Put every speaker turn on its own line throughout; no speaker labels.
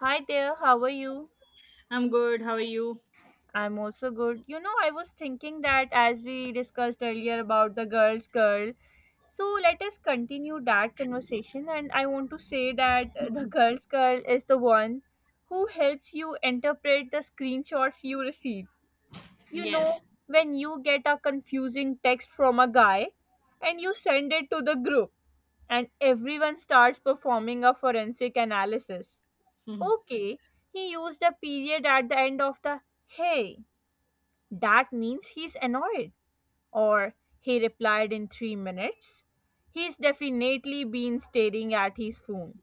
Hi there, how are you?
I'm good. How are you?
I'm also good. You know, I was thinking that as we discussed earlier about the girl's girl, so let us continue that conversation. And I want to say that the girl's girl is the one who helps you interpret the screenshots you receive. You
Yes.
know, when you get a confusing text from a guy and you send it to the group, and everyone starts performing a forensic analysis. Okay, he used a period at the end of the, hey, that means he's annoyed. Or he replied in 3 minutes. He's definitely been staring at his phone.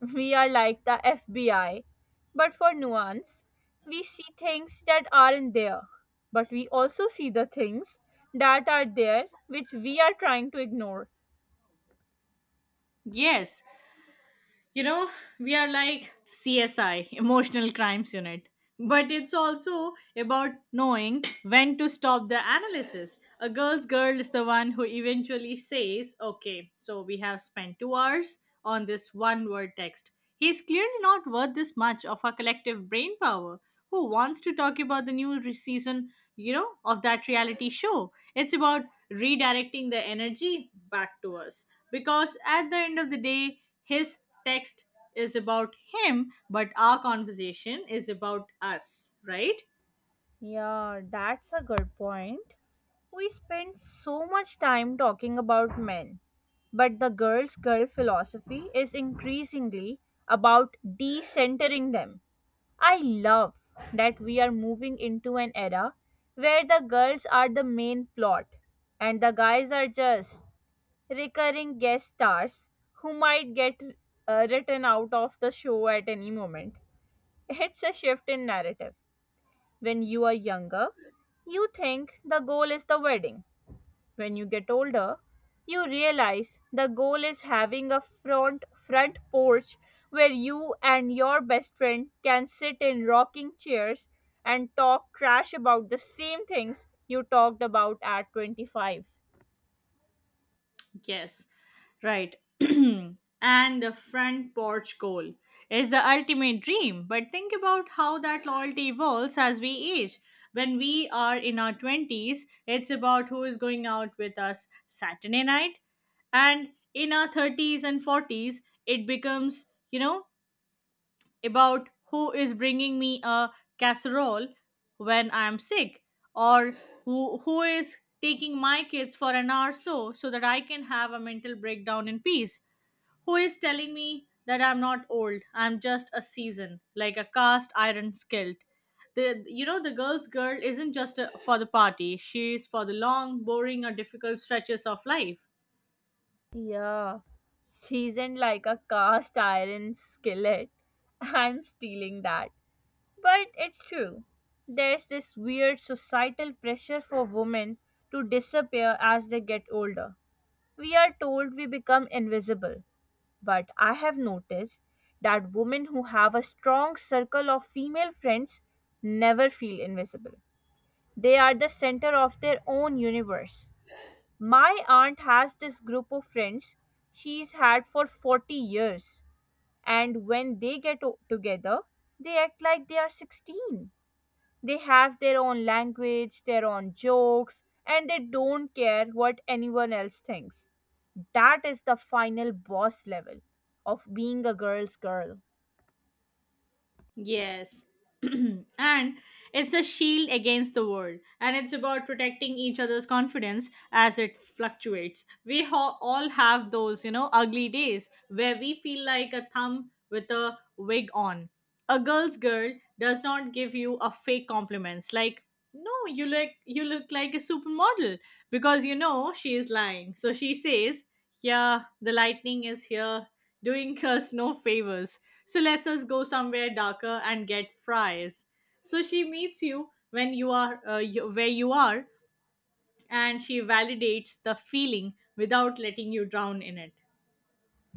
We are like the FBI, but for nuance, we see things that aren't there, but we also see the things that are there which we are trying to ignore.
Yes. You know, we are like CSI, Emotional Crimes Unit. But it's also about knowing when to stop the analysis. A girl's girl is the one who eventually says, Okay, so we have spent 2 hours on this one word text. He's clearly not worth this much of our collective brain power. Who wants to talk about the new season, of that reality show? It's about redirecting the energy back to us. Because at the end of the day, his text is about him, but our conversation is about us, right?
Yeah, that's a good point. We spend so much time talking about men, but the girls' girl philosophy is increasingly about decentering them. I love that we are moving into an era where the girls are the main plot and the guys are just recurring guest stars who might get written out of the show at any moment. It's a shift in narrative. When you are younger, you think the goal is the wedding. When you get older, you realize the goal is having a front porch where you and your best friend can sit in rocking chairs and talk trash about the same things you talked about at 25.
Yes, right. And the front porch goal is the ultimate dream. But think about how that loyalty evolves as we age. When we are in our 20s, it's about who is going out with us Saturday night. And in our 30s and 40s, it becomes, you know, about who is bringing me a casserole when I'm sick, or who is taking my kids for an hour so that I can have a mental breakdown in peace. Who is telling me that I'm not old, I'm just a season, like a cast iron skillet. The you know the girl's girl isn't just for the party, she's for the long, boring, or difficult stretches of life.
Yeah, seasoned like a cast iron skillet. I'm stealing that. But it's true. There's this weird societal pressure for women to disappear as they get older. We are told we become invisible, but I have noticed that women who have a strong circle of female friends never feel invisible. They are the center of their own universe. My aunt has this group of friends she's had for 40 years, and when they get together, they act like they are 16. They have their own language, their own jokes, and they don't care what anyone else thinks. That is the final boss level of being a girl's girl.
Yes. And it's a shield against the world, and it's about protecting each other's confidence as it fluctuates. We all have those, ugly days where we feel like a thumb with a wig on. A girl's girl does not give you a fake compliments like, no, you look like a supermodel, because you know she is lying. So she says, "Yeah, the lightning is here doing us no favors. So let's us go somewhere darker and get fries." So she meets you when you are where you are, and she validates the feeling without letting you drown in it.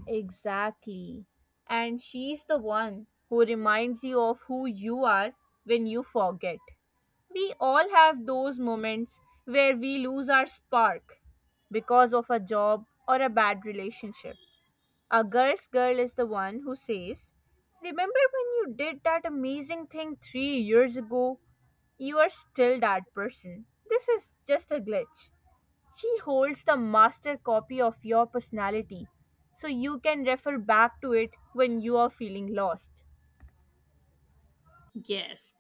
Exactly. And she's the one who reminds you of who you are when you forget. We all have those moments where we lose our spark because of a job or a bad relationship. A girl's girl is the one who says, remember when you did that amazing thing 3 years ago? You are still that person. This is just a glitch. She holds the master copy of your personality, so you can refer back to it when you are feeling lost.
Yes.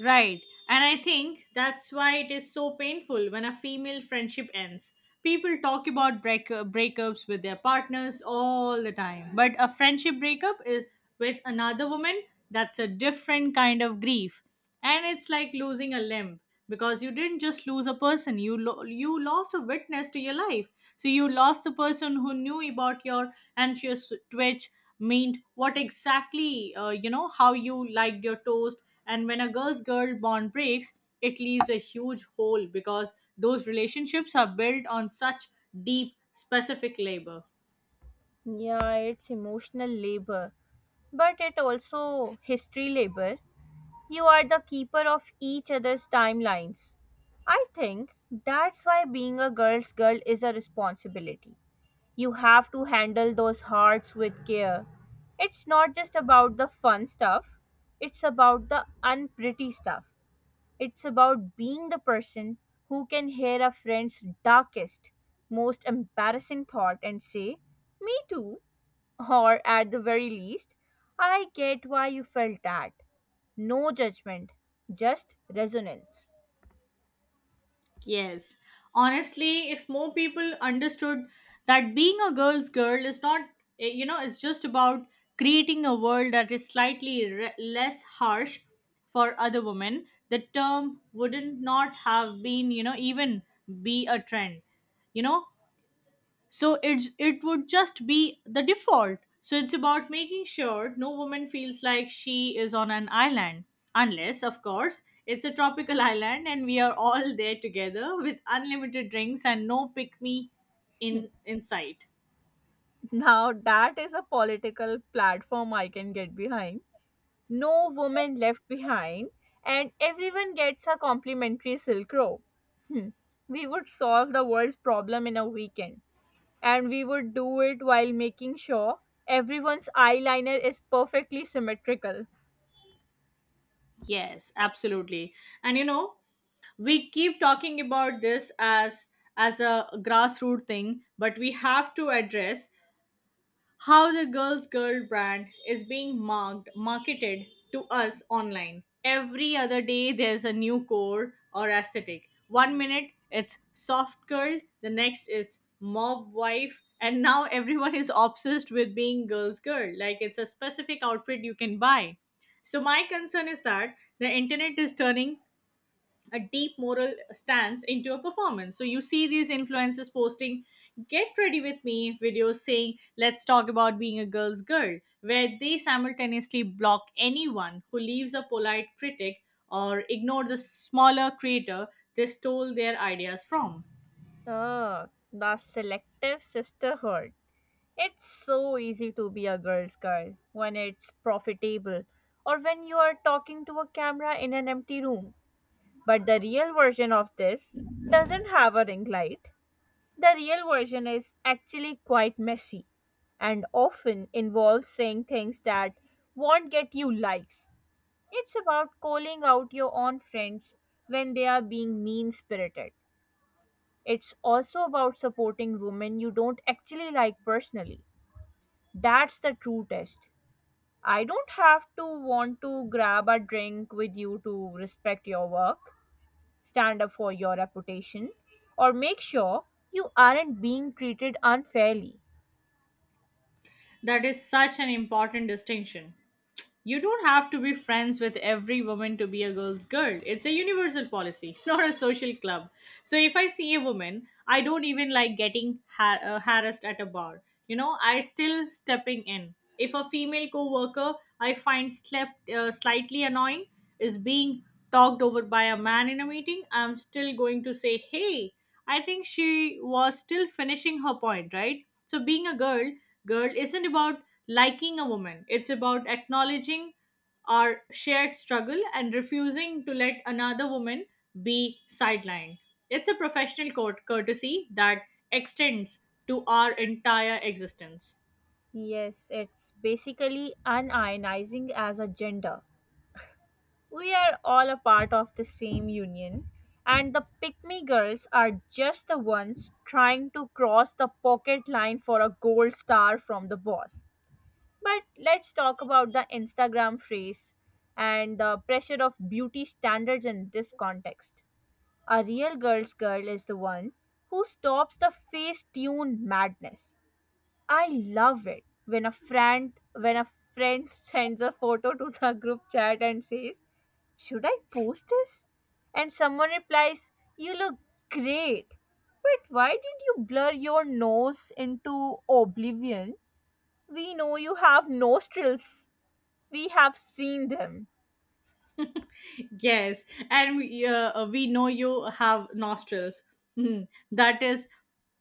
Right. And I think that's why it is so painful when a female friendship ends. People talk about breakups with their partners all the time. But a friendship breakup is with another woman, that's a different kind of grief. And it's like losing a limb, because you didn't just lose a person, you lost a witness to your life. So you lost the person who knew about your anxious twitch, meant what exactly, you know how you liked your toast. And when a girl's girl bond breaks, it leaves a huge hole, because those relationships are built on such deep, specific labor.
Yeah, it's emotional labor, but it also history labor. You are the keeper of each other's timelines. I think that's why being a girl's girl is a responsibility. You have to handle those hearts with care. It's not just about the fun stuff, it's about the unpretty stuff. It's about being the person who can hear a friend's darkest, most embarrassing thought and say, me too. Or at the very least, I get why you felt that. No judgment, just resonance.
Yes. Honestly, if more people understood that being a girl's girl is not, it's just about creating a world that is slightly less harsh for other women, the term wouldn't not have been, even be a trend. You know, so it would just be the default. So it's about making sure no woman feels like she is on an island, unless of course it's a tropical island, and we are all there together with unlimited drinks and no pick me in sight.
Now, that is a political platform I can get behind. No woman left behind, and everyone gets a complimentary silk robe. Hmm. We would solve the world's problem in a weekend, and we would do it while making sure everyone's eyeliner is perfectly symmetrical.
Yes, absolutely. And we keep talking about this as a grassroots thing, but we have to address how the girls girl brand is being marked marketed to us online. Every other day there's a new core or aesthetic. One minute it's soft girl, the next it's mob wife, and now everyone is obsessed with being girls girl like it's a specific outfit you can buy. So my concern is that the internet is turning a deep moral stance into a performance. So you see these influencers posting get ready with me videos saying, let's talk about being a girl's girl, where they simultaneously block anyone who leaves a polite critic or ignore the smaller creator they stole their ideas from.
Ah, the selective sisterhood. It's so easy to be a girl's guy when it's profitable or when you are talking to a camera in an empty room. But the real version of this doesn't have a ring light. The real version is actually quite messy and often involves saying things that won't get you likes. It's about calling out your own friends when they are being mean spirited. It's also about supporting women you don't actually like personally. That's the true test. I don't have to want to grab a drink with you to respect your work, stand up for your reputation, or make sure you aren't being treated unfairly.
That is such an important distinction. You don't have to be friends with every woman to be a girl's girl. It's a universal policy, not a social club. So if I see a woman I don't even like getting harassed at a bar, I still stepping in. If a female co-worker I find slept slightly annoying is being talked over by a man in a meeting, I'm still going to say, "Hey, I think she was still finishing her point, right?" So being a girl isn't about liking a woman. It's about acknowledging our shared struggle and refusing to let another woman be sidelined. It's a professional courtesy that extends to our entire existence.
Yes, it's basically unionizing as a gender. We are all a part of the same union, and the pick me girls are just the ones trying to cross the pocket line for a gold star from the boss. But let's talk about the Instagram phrase and the pressure of beauty standards in this context. A real girl's girl is the one who stops the face tuned madness. I love it when a friend sends a photo to the group chat and says, "Should I post this?" and someone replies, "You look great. But why did you blur your nose into oblivion? We know you have nostrils. We have seen them."
Yes, and we know you have nostrils. Hmm, That is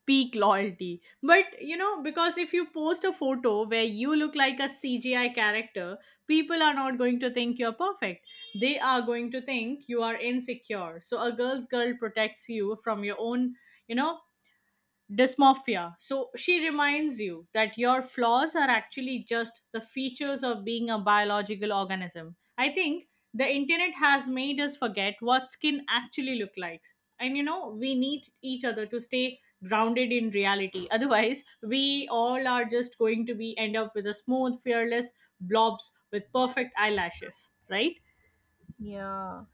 peak loyalty. But because if you post a photo where you look like a CGI character, people are not going to think you're perfect. They are going to think you are insecure. So a girl's girl protects you from your own, you know, dysmorphia. So she reminds you that your flaws are actually just the features of being a biological organism. I think the internet has made us forget what skin actually look like. And we need each other to stay grounded in reality. Otherwise, we all are just going to be end up with a smooth, fearless blobs with perfect eyelashes, right?
Yeah.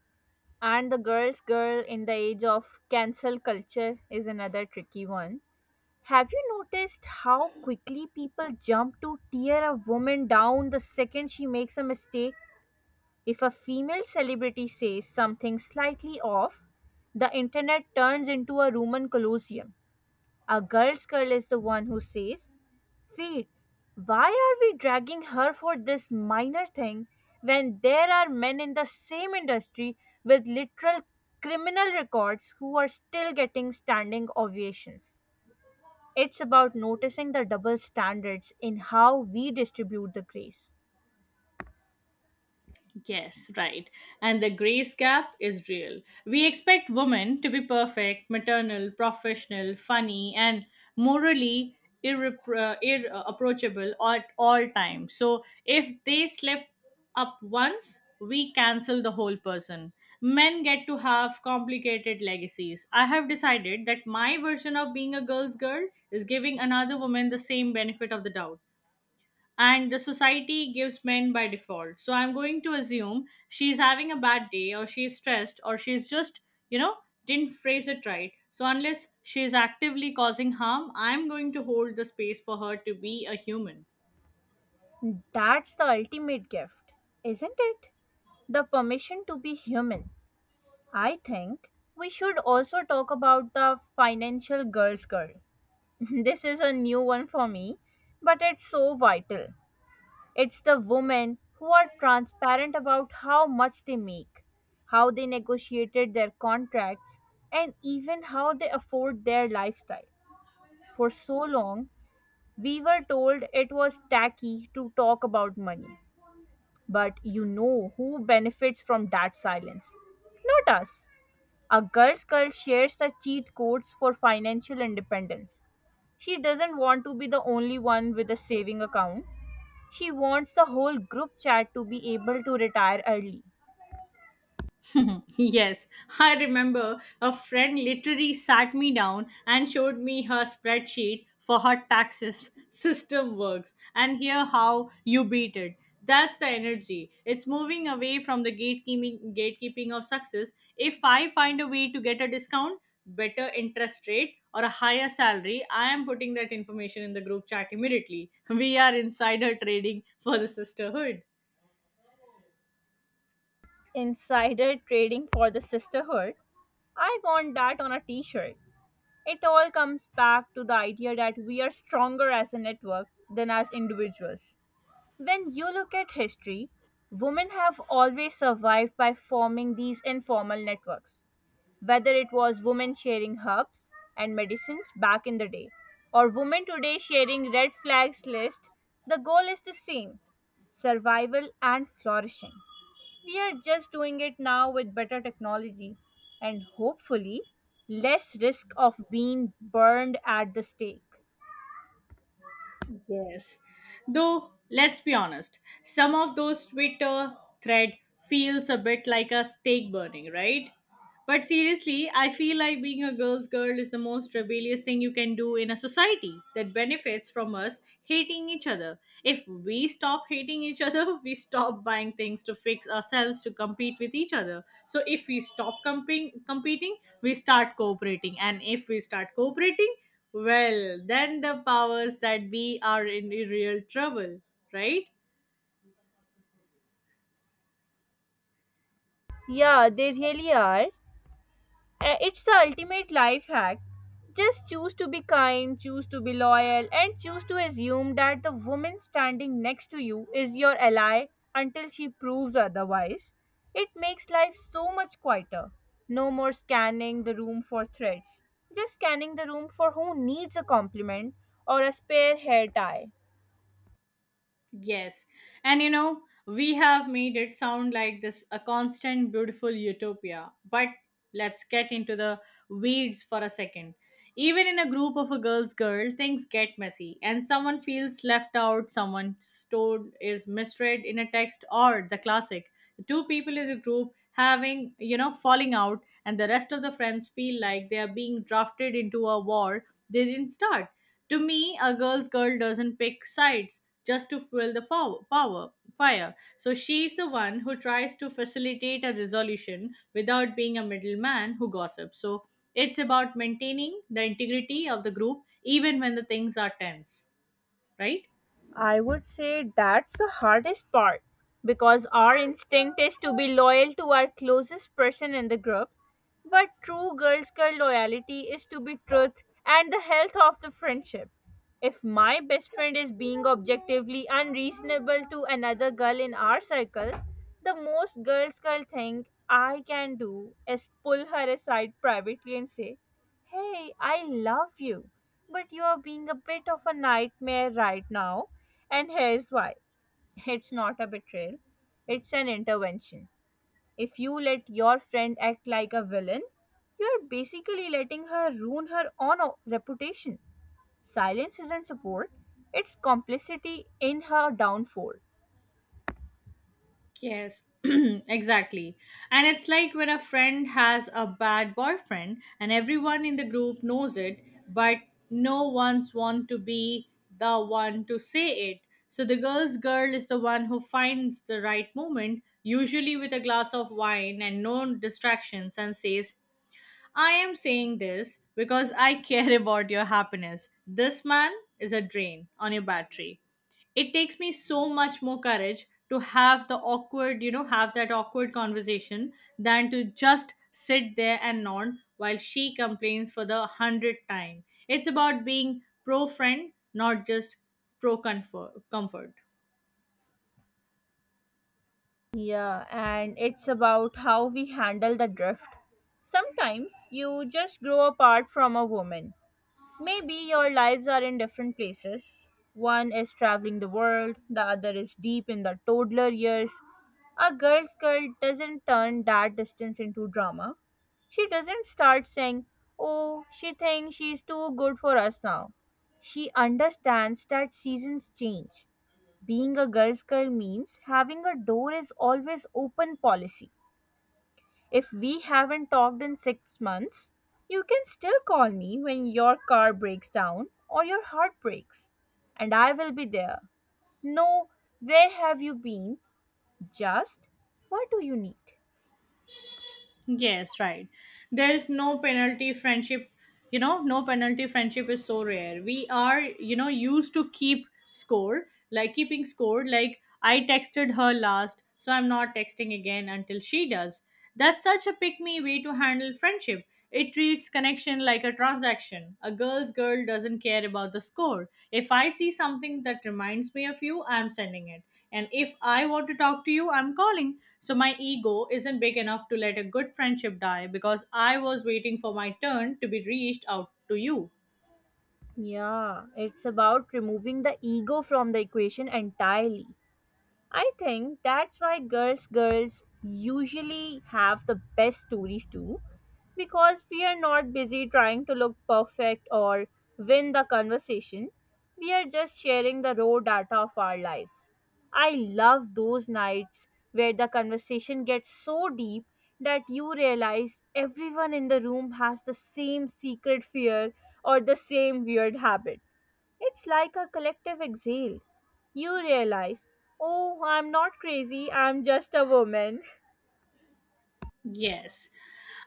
And the girl's girl in the age of cancel culture is another tricky one. Have you noticed how quickly people jump to tear a woman down the second she makes a mistake? If a female celebrity says something slightly off, the internet turns into a Roman Colosseum. Our girl's girl is the one who says, wait, why are we dragging her for this minor thing when there are men in the same industry with literal criminal records who are still getting standing ovations? It's about noticing the double standards in how we distribute the grace.
Yes, right. And the grace gap is real. We expect women to be perfect, maternal, professional, funny, and morally irreproachable at all times. So if they slip up once, we cancel the whole person. Men get to have complicated legacies. I have decided that my version of being a girl's girl is giving another woman the same benefit of the doubt and the society gives men by default. So I'm going to assume she's having a bad day, or she's stressed, or she's just, you know, didn't phrase it right. So unless she's actively causing harm, I'm going to hold the space for her to be a human.
That's the ultimate gift, isn't it? The permission to be human. I think we should also talk about the financial girl's girl. This is a new one for me, but it's so vital. It's the women who are transparent about how much they make, how they negotiated their contracts, and even how they afford their lifestyle. For so long, we were told it was tacky to talk about money. But you know who benefits from that silence? Not us. A girl's girl shares the cheat codes for financial independence. She doesn't want to be the only one with a saving account. She wants the whole group chat to be able to retire early.
Yes, I remember a friend literally sat me down and showed me her spreadsheet for her taxes, system works and here how you beat it. That's the energy. It's moving away from the gatekeeping of success. If I find a way to get a discount, better interest rate, or a higher salary, I am putting that information in the group chat immediately. We are insider trading for the sisterhood.
Insider trading for the sisterhood. I want that on a t shirt. It all comes back to the idea that we are stronger as a network than as individuals. When you look at history, women have always survived by forming these informal networks, whether it was women sharing herbs and medicines back in the day, or women today sharing red flags list. The goal is the same: survival and flourishing. We are just doing it now with better technology, and hopefully less risk of being burned at the stake.
Yes. Though, let's be honest, some of those Twitter thread feels a bit like a stake burning, right? But seriously, I feel like being a girl's girl is the most rebellious thing you can do in a society that benefits from us hating each other. If we stop hating each other, we stop buying things to fix ourselves to compete with each other. So if we stop comping competing, we start cooperating. And if we start cooperating, well, then the powers that be are in real trouble, right?
Yeah, they really are. It's the ultimate life hack. Just choose to be kind, choose to be loyal, and choose to assume that the woman standing next to you is your ally until she proves otherwise. It makes life so much quieter. No more scanning the room for threats. Just scanning the room for who needs a compliment or a spare hair tie.
Yes. And we have made it sound like this a constant beautiful utopia. But let's get into the weeds for a second. Even in a group of a girl's girl, things get messy and someone feels left out, someone told is misread in a text, or the classic. Two people in the group having, falling out, and the rest of the friends feel like they are being drafted into a war they didn't start. To me, a girl's girl doesn't pick sides just to fuel the power fire. So she's the one who tries to facilitate a resolution without being a middleman who gossips. So it's about maintaining the integrity of the group even when the things are tense, right?
I would say that's the hardest part because our instinct is to be loyal to our closest person in the group, but true girls' girl loyalty is to be truth and the health of the friendship. If my best friend is being objectively unreasonable to another girl in our circle, the most girls' girl thing I can do is pull her aside privately and say, hey, I love you, but you are being a bit of a nightmare right now, and here's why. It's not a betrayal, it's an intervention. If you let your friend act like a villain, you're basically letting her ruin her own reputation. Silence isn't support, it's complicity in her downfall.
Yes, exactly. And it's like when a friend has a bad boyfriend and everyone in the group knows it, but no one's want to be the one to say it. So the girl's girl is the one who finds the right moment, usually with a glass of wine and no distractions, and says, I am saying this because I care, about your happiness. This man is a drain on your battery. It takes me so much more courage to have the awkward, you know, have that awkward conversation than to just sit there and nod while she complains for the hundredth time. It's about being pro friend, not just pro comfort.
Yeah, and it's about how we handle the drift. Sometimes you just grow apart from a woman. Maybe your lives are in different places. One is traveling the world, the other is deep in the toddler years. A girl's girl doesn't turn that distance into drama. She doesn't start saying, oh, she thinks she's too good for us now. She understands that seasons change. Being a girl's girl means having a door is always open policy. If we haven't talked in 6 months, you can still call me when your car breaks down or your heart breaks, and I will be there. No, where have you been? Just, what do you need?
Yes, right. There is no penalty friendship. No penalty friendship is so rare. We are, used to keep score, like keeping score, like I texted her last, so I'm not texting again until she does. That's such a pick me way to handle friendship. It treats connection like a transaction. A girl's girl doesn't care about the score. If I see something that reminds me of you, I'm sending it. And if I want to talk to you, I'm calling. So my ego isn't big enough to let a good friendship die because I was waiting for my turn to be reached out to you.
Yeah, it's about removing the ego from the equation entirely. I think that's why girls girls usually have the best stories too, because we are not busy trying to look perfect or win the conversation. We are just sharing the raw data of our lives. I love those nights where the conversation gets so deep that you realize everyone in the room has the same secret fear or the same weird habit. It's like a collective exhale. You realize, oh, I'm not crazy, I'm just a woman.
Yes.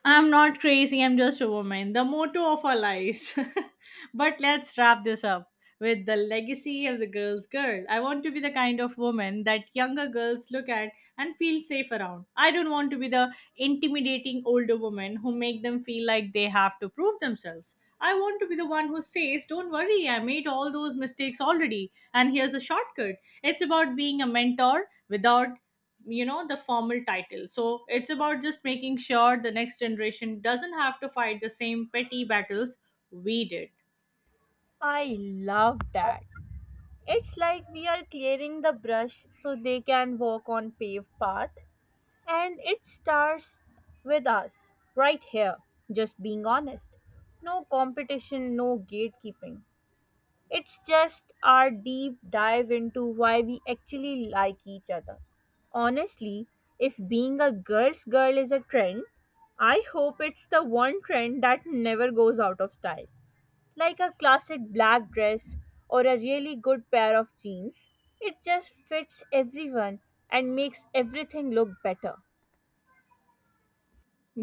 I'm not crazy, I'm just a woman. The motto of our lives. But let's wrap this up with the legacy of the girl's girl. I want to be the kind of woman that younger girls look at and feel safe around. I don't want to be the intimidating older woman who make them feel like they have to prove themselves. I want to be the one who says, don't worry, I made all those mistakes already, and here's a shortcut. It's about being a mentor without the formal title, so it's about just making sure the next generation doesn't have to fight the same petty battles we did.
I love that. It's like we are clearing the brush so they can walk on paved path, and it starts with us right here, just being honest. No competition, no gatekeeping. It's just our deep dive into why we actually like each other. Honestly, if being a girl's girl is a trend, I hope it's the one trend that never goes out of style. Like a classic black dress or a really good pair of jeans, it just fits everyone and makes everything look better.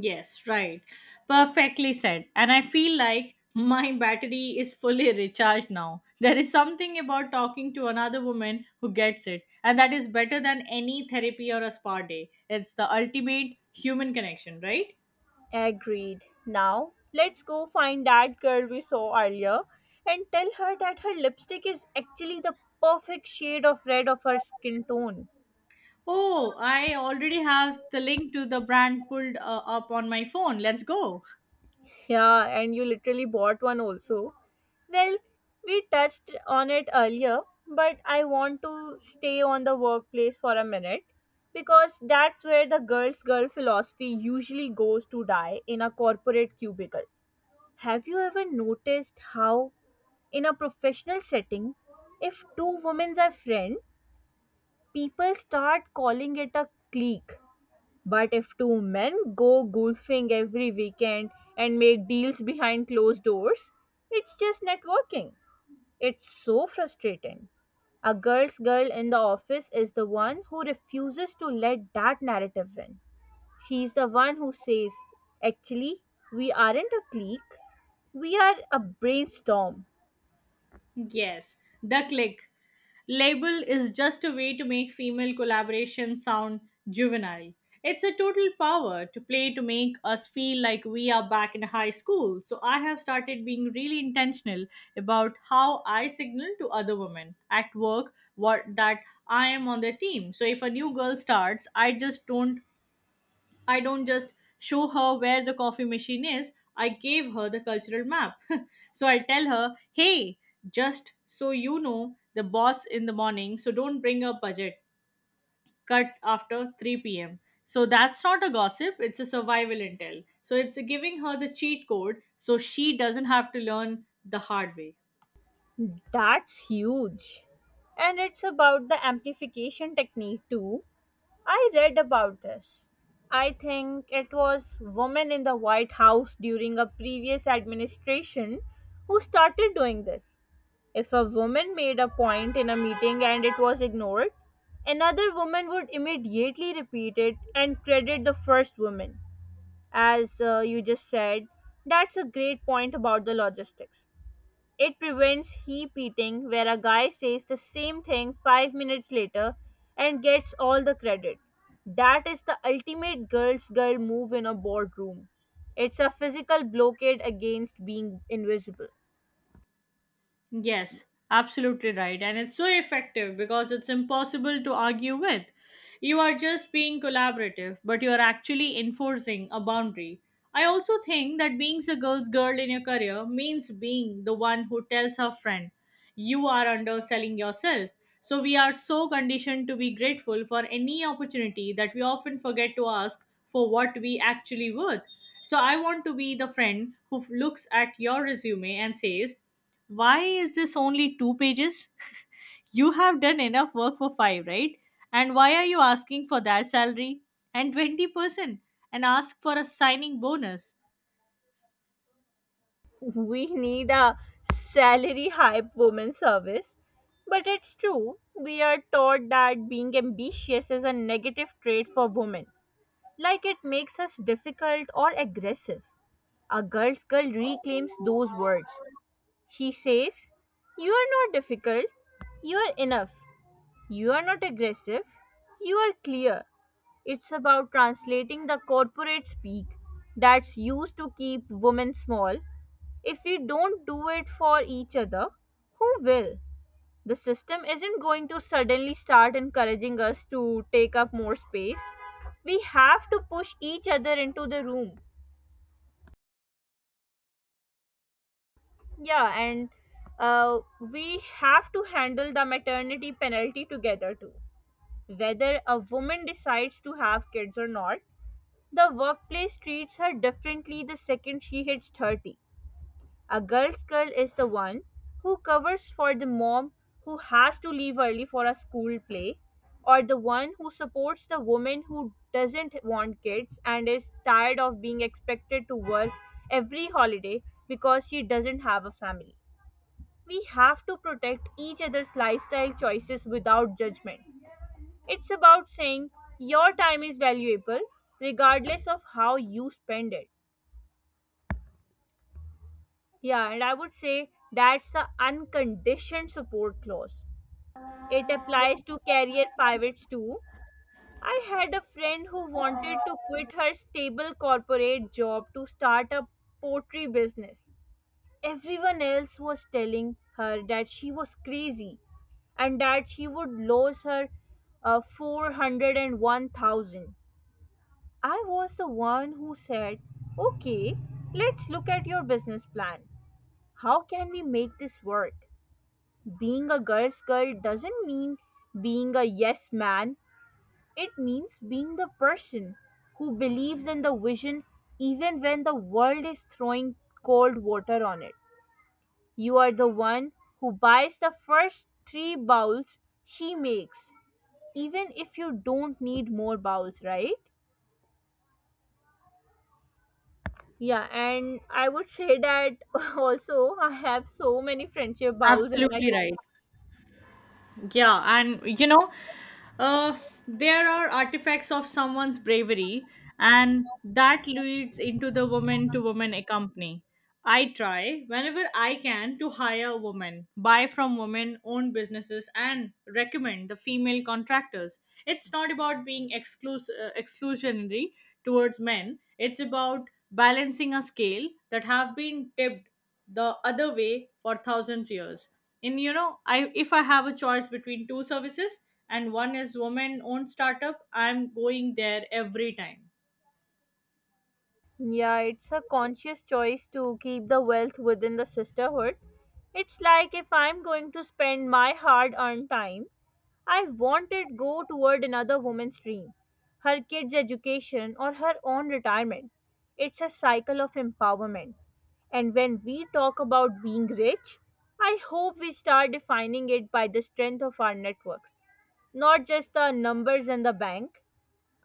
Yes, right, perfectly said. And I feel like my battery is fully recharged now. There is something about talking to another woman who gets it, and that is better than any therapy or a spa day. It's the ultimate human connection, right?
Agreed. Now, let's go find that girl we saw earlier and tell her that her lipstick is actually the perfect shade of red of her skin tone.
Oh, I already have the link to the brand pulled up on my phone. Let's go.
Yeah, and you literally bought one also. Well, we touched on it earlier, but I want to stay on the workplace for a minute because that's where the girl's girl philosophy usually goes to die in a corporate cubicle. Have you ever noticed how in a professional setting, if two women are friends, people start calling it a clique? But if two men go golfing every weekend and make deals behind closed doors, it's just networking. It's so frustrating. A girl's girl in the office is the one who refuses to let that narrative win. She's the one who says, "Actually, we aren't a clique, we are a brainstorm."
Yes, the click. Label is just a way to make female collaboration sound juvenile. It's a total power to play to make us feel like we are back in high school. So I have started being really intentional about how I signal to other women at work what that I am on the team. So if a new girl starts, I just don't just show her where the coffee machine is, I gave her the cultural map. So I tell her, hey, just so you know, the boss in the morning, so don't bring a budget. Cuts after 3 pm. So that's not a gossip, it's a survival intel. So it's giving her the cheat code so she doesn't have to learn the hard way.
That's huge. And it's about the amplification technique too. I read about this. I think it was women in the White House during a previous administration who started doing this. If a woman made a point in a meeting and it was ignored, another woman would immediately repeat it and credit the first woman. As you just said, that's a great point about the logistics. It prevents heap eating, where a guy says the same thing five minutes later and gets all the credit. That is the ultimate girl's girl move in a boardroom. It's a physical blockade against being invisible.
Yes, absolutely right. And it's so effective because it's impossible to argue with. You are just being collaborative, but you are actually enforcing a boundary. I also think that being the girl's girl in your career means being the one who tells her friend, you are underselling yourself. So we are so conditioned to be grateful for any opportunity that we often forget to ask for what we actually worth. So I want to be the friend who looks at your resume and says, why is this only two pages? You have done enough work for five, right? And why are you asking for that salary and 20% and ask for a signing bonus?
We need a salary hype woman service. But it's true, we are taught that being ambitious is a negative trait for women, like it makes us difficult or aggressive. A girl's girl reclaims those words. She says, "You are not difficult, you are enough, you are not aggressive, you are clear." It's about translating the corporate speak that's used to keep women small. If we don't do it for each other, who will? The system isn't going to suddenly start encouraging us to take up more space. We have to push each other into the room. Yeah, and uh, we have to handle the maternity penalty together too. Whether a woman decides to have kids or not, the workplace treats her differently the second she hits 30. A girl's girl is the one who covers for the mom who has to leave early for a school play, or the one who supports the woman who doesn't want kids and is tired of being expected to work every holiday because she doesn't have a family. We have to protect each other's lifestyle choices without judgment. It's about saying your time is valuable regardless of how you spend it. Yeah, and I would say that's the unconditioned support clause. It applies to career pivots too. I had a friend who wanted to quit her stable corporate job to start a pottery business. Everyone else was telling her that she was crazy and that she would lose her 401,000. I was the one who said, "Okay, let's look at your business plan. How can we make this work?" Being a girl's girl doesn't mean being a yes man, it means being the person who believes in the vision even when the world is throwing cold water on it. You are the one who buys the first three bowls she makes, even if you don't need more bowls, right? Yeah, and I would say that also I have so many friendship bowls in my
Absolutely
kitchen.
right. Yeah, and Uh, there are artifacts of someone's bravery, and that leads into the woman to woman company. I try whenever I can to hire women, buy from women, own businesses, and recommend the female contractors. It's not about being exclusionary towards men, it's about balancing a scale that have been tipped the other way for thousands years. And you know, I if I have a choice between two services and one is woman owned startup, I'm going there every time.
Yeah, it's a conscious choice to keep the wealth within the sisterhood. It's like if I'm going to spend my hard earned time, I want it go toward another woman's dream, her kids' education or her own retirement. It's a cycle of empowerment. And when we talk about being rich, I hope we start defining it by the strength of our networks, not just the numbers in the bank.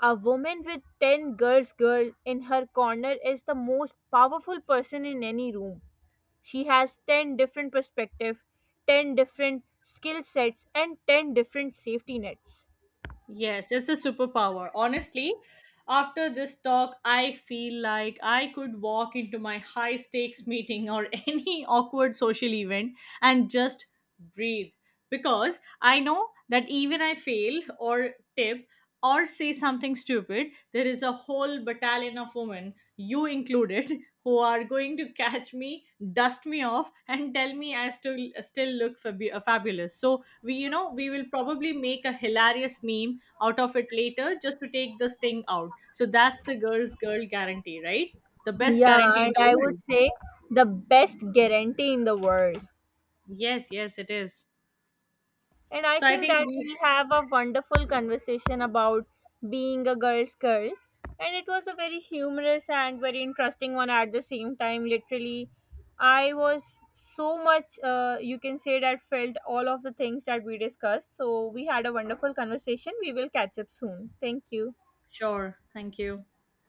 A woman with 10 girls girl in her corner is the most powerful person in any room. She has 10 different perspectives, 10 different skill sets and 10 different safety nets.
Yes, it's a superpower. Honestly, after this talk, I feel like I could walk into my high stakes meeting or any awkward social event and just breathe, because I know that even I fail or tip or say something stupid, there is a whole battalion of women, you included, who are going to catch me, dust me off, and tell me I still look fabulous. So we, you know, we will probably make a hilarious meme out of it later just to take the sting out. So that's the girl's girl guarantee, right? The best
Yeah,
guarantee
and
in the
I would
world.
say the best guarantee in the world.
Yes, yes it is.
And I
So I
think
think
that
we.
we have a wonderful conversation about being a girl's girl. And it was a very humorous and very interesting one at the same time. Literally, I was so much, you can say, that felt all of the things that we discussed. So we had a wonderful conversation. We will catch up soon. Thank you.
Sure, thank you.